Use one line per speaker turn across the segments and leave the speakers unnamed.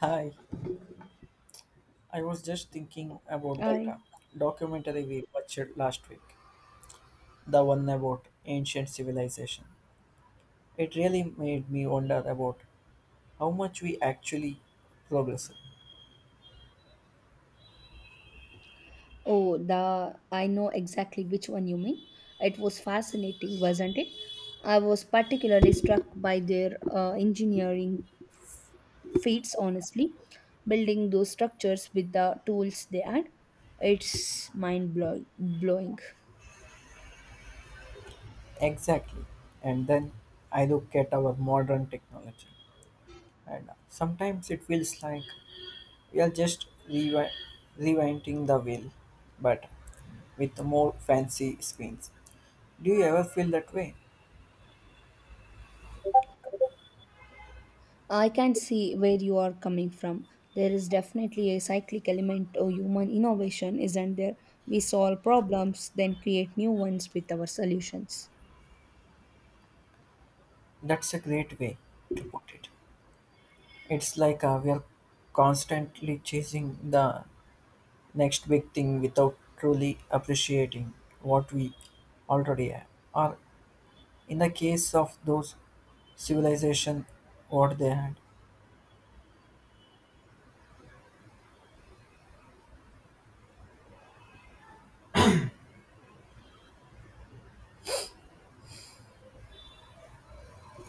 Hi, I was just thinking about that
I
documentary we watched last week, the one about ancient civilization. It really made me wonder about how much we actually progressed.
oh the I know exactly which one you mean. It was fascinating, wasn't it? I was particularly struck by their engineering feats. Honestly, building those structures with the tools they had, it's mind blow blowing.
Exactly. And then I look at our modern technology, and sometimes it feels like we are just rewinding the wheel, but with more fancy screens. Do you ever feel that way?
I can see where you are coming from. There is definitely a cyclic element to human innovation, isn't there? We solve problems, then create new ones with our solutions.
That's a great way to put it. It's like we are constantly chasing the next big thing without truly appreciating what we already have. Or in the case of those civilization, what they had.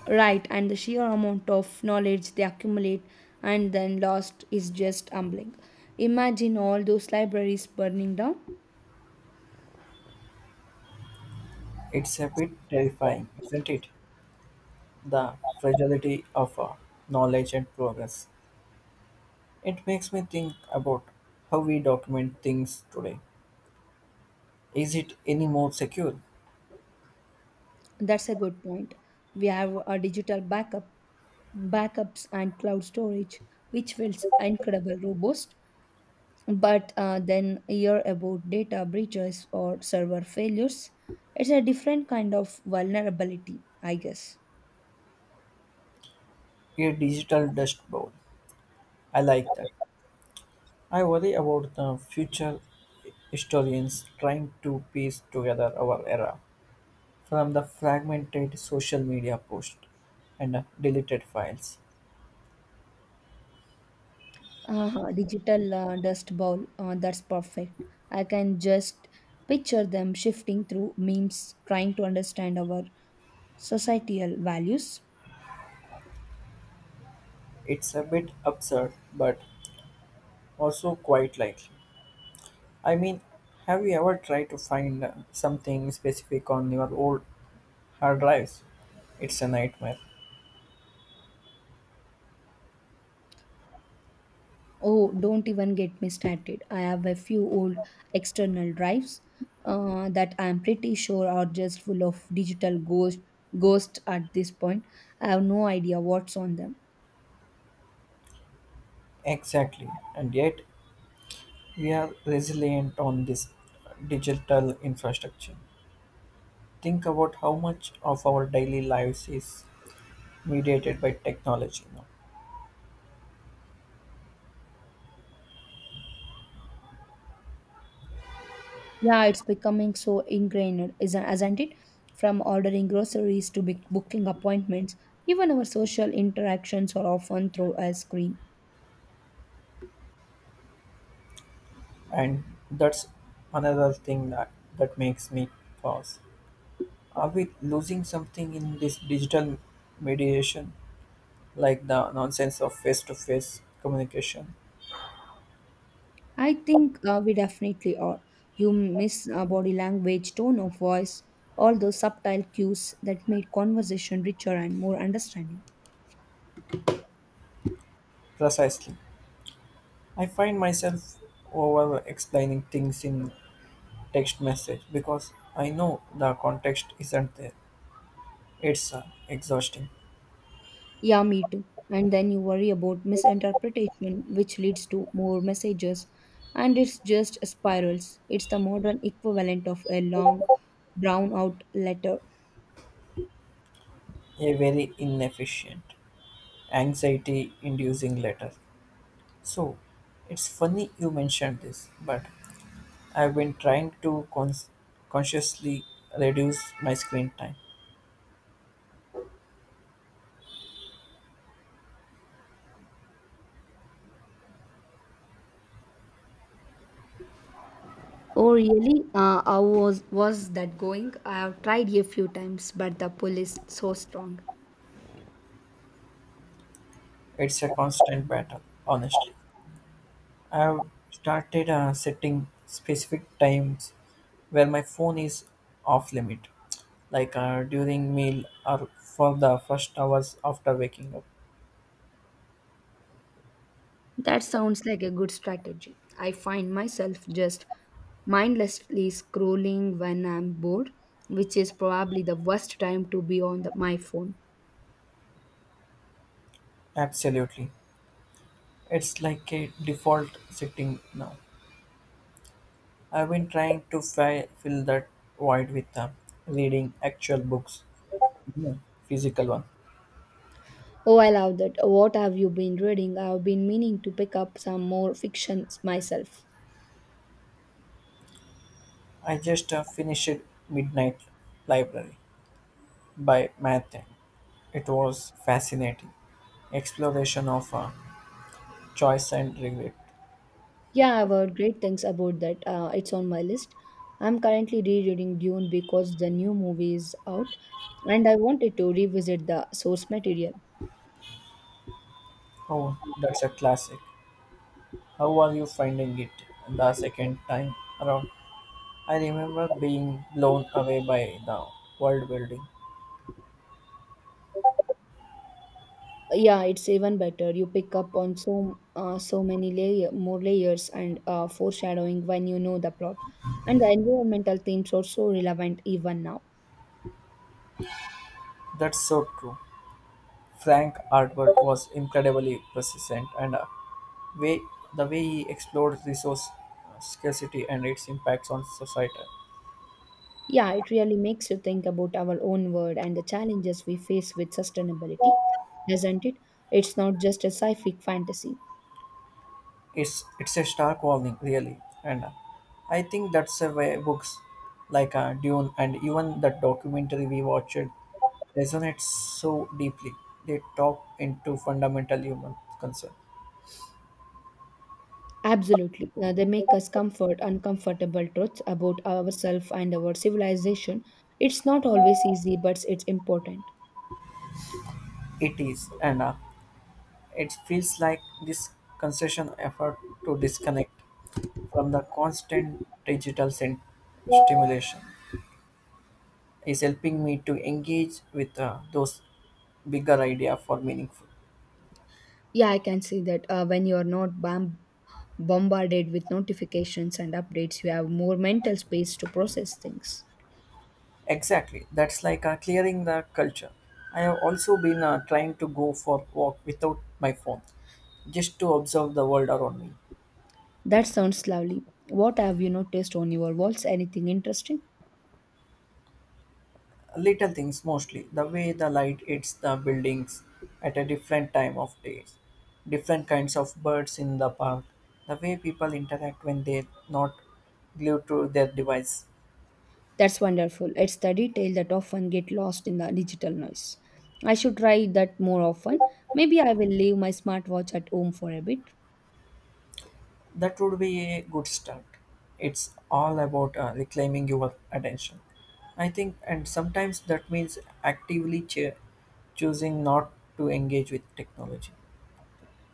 Right, and the sheer amount of knowledge they accumulate and then lost is just humbling. Imagine all those libraries burning down.
It's a bit terrifying, isn't it? The fragility of knowledge and progress. It makes me think about how we document things today. Is it any more secure?
That's a good point. We have a backups, and cloud storage, which feels incredible robust. But then hear about data breaches or server failures. It's a different kind of vulnerability, I guess.
A digital dust bowl. I like that. I worry about the future historians trying to piece together our era from the fragmented social media posts and deleted files.
Uh-huh, digital dust bowl. That's perfect. I can just picture them shifting through memes, trying to understand our societal values.
It's a bit absurd, but also quite likely. I mean, have you ever tried to find something specific on your old hard drives? It's a nightmare.
Oh, don't even get me started. I have a few old external drives that I'm pretty sure are just full of digital ghosts at this point. I have no idea what's on them.
Exactly, and yet we are resilient on this digital infrastructure. Think about how much of our daily lives is mediated by technology now.
Yeah, it's becoming so ingrained, isn't it? From ordering groceries to be booking appointments, even our social interactions are often through a screen.
And that's another thing that makes me pause. Are we losing something in this digital mediation, like the nonsense of face to face communication?
I think we definitely are. You miss body language, tone of voice, all those subtle cues that made conversation richer and more understanding.
Precisely. I find myself over explaining things in text message because I know the context isn't there. It's exhausting,
Yeah, me too. And then you worry about misinterpretation, which leads to more messages, and it's just spirals. It's the modern equivalent of a long, drawn out letter.
a very inefficient, anxiety inducing letter. So it's funny you mentioned this, but I've been trying to consciously reduce my screen time.
Oh, really? How was that going? I have tried a few times, but the pull is so strong.
It's a constant battle, honestly. I've started setting specific times where my phone is off limit, like during meal or for the first hours after waking up.
That sounds like a good strategy. I find myself just mindlessly scrolling when I'm bored, which is probably the worst time to be on my phone.
Absolutely. It's like a default setting now. I've been trying to fill that void with reading actual books, you physical one.
Oh, I love that. What have you been reading? I've been meaning to pick up some more fictions myself.
I just finished Midnight Library by Mathe. It was fascinating exploration of choice and regret.
Yeah, I've heard great things about that. It's on my list. I'm currently rereading Dune because the new movie is out and I wanted to revisit the source material.
Oh, that's a classic. How are you finding it the second time around? I remember being blown away by the world building.
Yeah, it's even better. You pick up on so many more layers and foreshadowing when you know the plot. And the environmental themes are so relevant even now.
That's so true. Frank Artwork was incredibly persistent and way the way he explores resource scarcity and its impacts on society.
Yeah, it really makes you think about our own world and the challenges we face with sustainability, doesn't it? It's not just a sci-fi fantasy.
It's a stark warning, really, and I think that's a way books like Dune and even the documentary we watched resonates so deeply. They tap into fundamental human concern.
Absolutely. They make us comfort uncomfortable truths about ourselves and our civilization. It's not always easy, but it's important.
It is, and it feels like this concession effort to disconnect from the constant digital stimulation is helping me to engage with those bigger idea for meaningful
Yeah, I can see that when you are not bombarded with notifications and updates, you have more mental space to process things.
exactly that's like clearing the culture. I have also been trying to go for walk without my phone just to observe the world around me,
That sounds lovely. What have you noticed on your walls? Anything interesting?
little things mostly, the way the light hits the buildings at a different time of days, different kinds of birds in the park, the way people interact when they're not glued to their device.
That's wonderful. It's the detail that often get lost in the digital noise. I should try that more often. Maybe I will leave my smartwatch at home for a bit.
That would be a good start. It's all about reclaiming your attention, I think, and sometimes that means actively choosing not to engage with technology.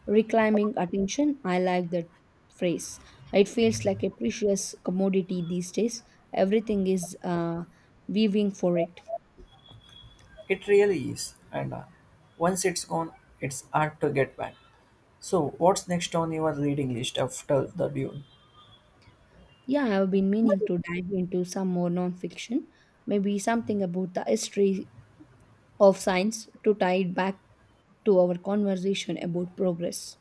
Reclaiming attention, I like that phrase. It feels like a precious commodity these days. Everything is weaving for it.
It really is, and once it's gone, it's hard to get back. So, what's next on your reading list after the Dune?
Yeah, I have been meaning to dive into some more nonfiction. Maybe something about the history of science to tie it back to our conversation about progress.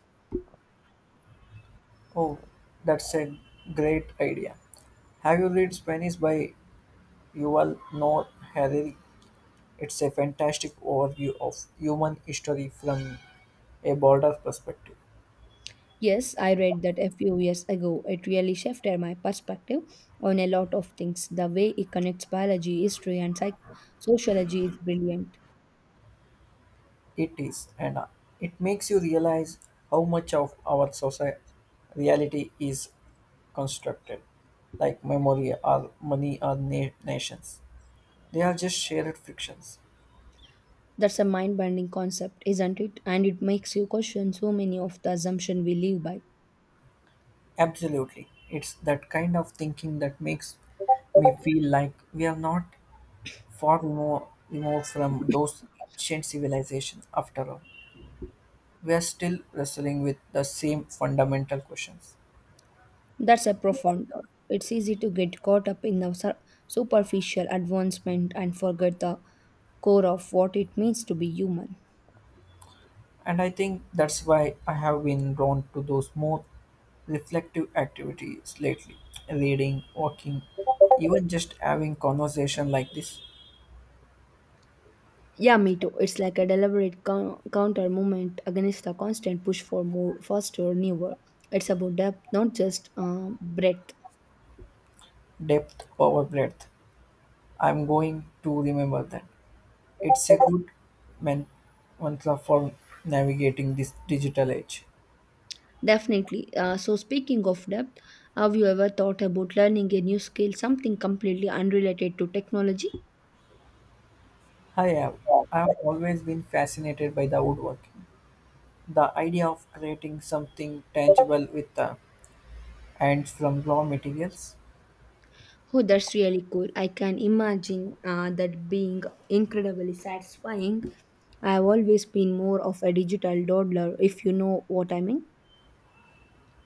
Oh, that's a great idea. Have you read Spanish by Yuval Noah Harari? It's a fantastic overview of human history from a broader perspective.
Yes, I read that a few years ago. It really shifted my perspective on a lot of things. The way it connects biology, history, and sociology is brilliant.
It is, and it makes you realize how much of our society reality is constructed, like memory or money or nations. They are just shared frictions.
That's a mind bending concept, isn't it? And it makes you question so many of the assumptions we live by.
Absolutely. It's that kind of thinking that makes me feel like we are not far more removed from those ancient civilizations after all. We are still wrestling with the same fundamental questions.
That's a profound thought. It's easy to get caught up in the superficial advancement and forget the core of what it means to be human.
And I think that's why I have been drawn to those more reflective activities lately, reading, walking, even just having conversation like this.
Yeah, me too. It's like a deliberate counter movement against the constant push for more, faster, newer. It's about depth, not just breadth.
Depth over breadth, I'm going to remember that. It's a good man- mantra for navigating this digital age.
Definitely. So, speaking of depth, have you ever thought about learning a new skill, something completely unrelated to technology?
I have i have always been fascinated by the woodworking, the idea of creating something tangible with the and from raw materials.
Oh, that's really cool. I can imagine that being incredibly satisfying. I've always been more of a digital dawdler, if you know what I mean.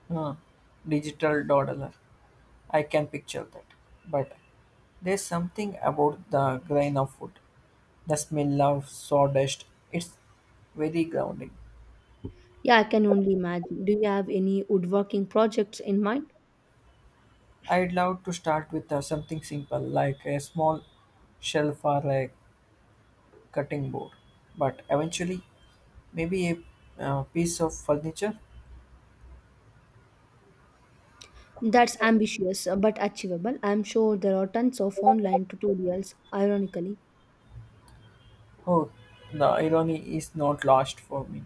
Huh, digital dollar. I can picture that. But there's something about the grain of food, the smell of sawdust. It's very grounding.
Yeah, I can only imagine. Do you have any woodworking projects in mind?
I'd love to start with something simple like a small shelf or a cutting board, but eventually, maybe a piece of furniture.
That's ambitious but achievable. I'm sure there are tons of online tutorials, ironically.
Oh, the irony is not lost for me,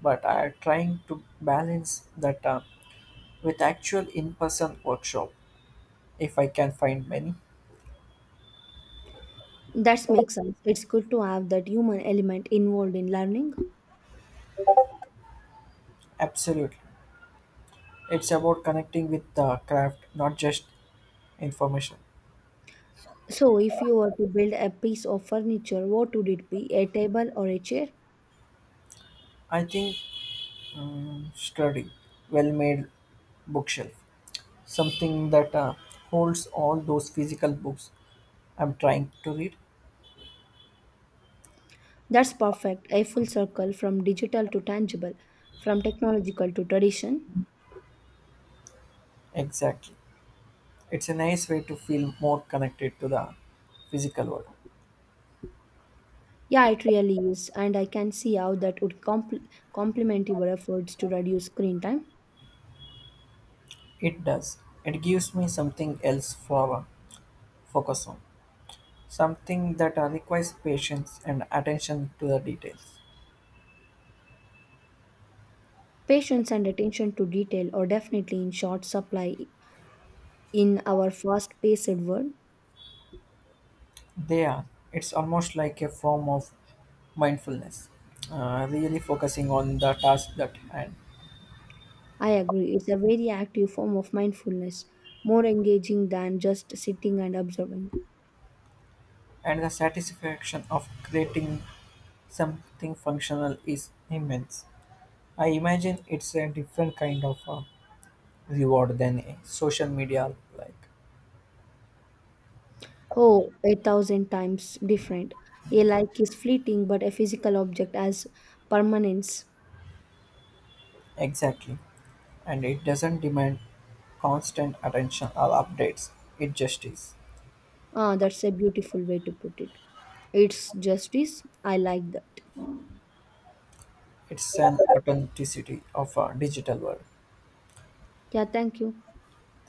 but I'm trying to balance that. With actual in-person workshop if I can find many.
That makes sense. It's good to have that human element involved in learning.
Absolutely, it's about connecting with the craft, not just information.
So, if you were to build a piece of furniture, what would it be? A table or a chair?
I think study well-made bookshelf, something that holds all those physical books I'm trying to read.
That's perfect. A full circle from digital to tangible, from technological to tradition.
Exactly, it's a nice way to feel more connected to the physical world.
Yeah, it really is. And I can see how that would complement your efforts to reduce screen time.
It does, it gives me something else for focus on, something that requires patience and attention to the details.
Patience and attention to detail are definitely in short supply in our fast paced world.
They are. It's almost like a form of mindfulness, really focusing on the task at hand.
I agree, it's a very active form of mindfulness, more engaging than just sitting and observing.
And the satisfaction of creating something functional is immense. I imagine it's a different kind of reward than a social media like.
Oh, a thousand times different. A like is fleeting, but a physical object has permanence.
Exactly. And it doesn't demand constant attention or updates, it just is.
Ah, that's a beautiful way to put it. It's justice. I like that.
It's an authenticity of a digital world.
Yeah, thank you.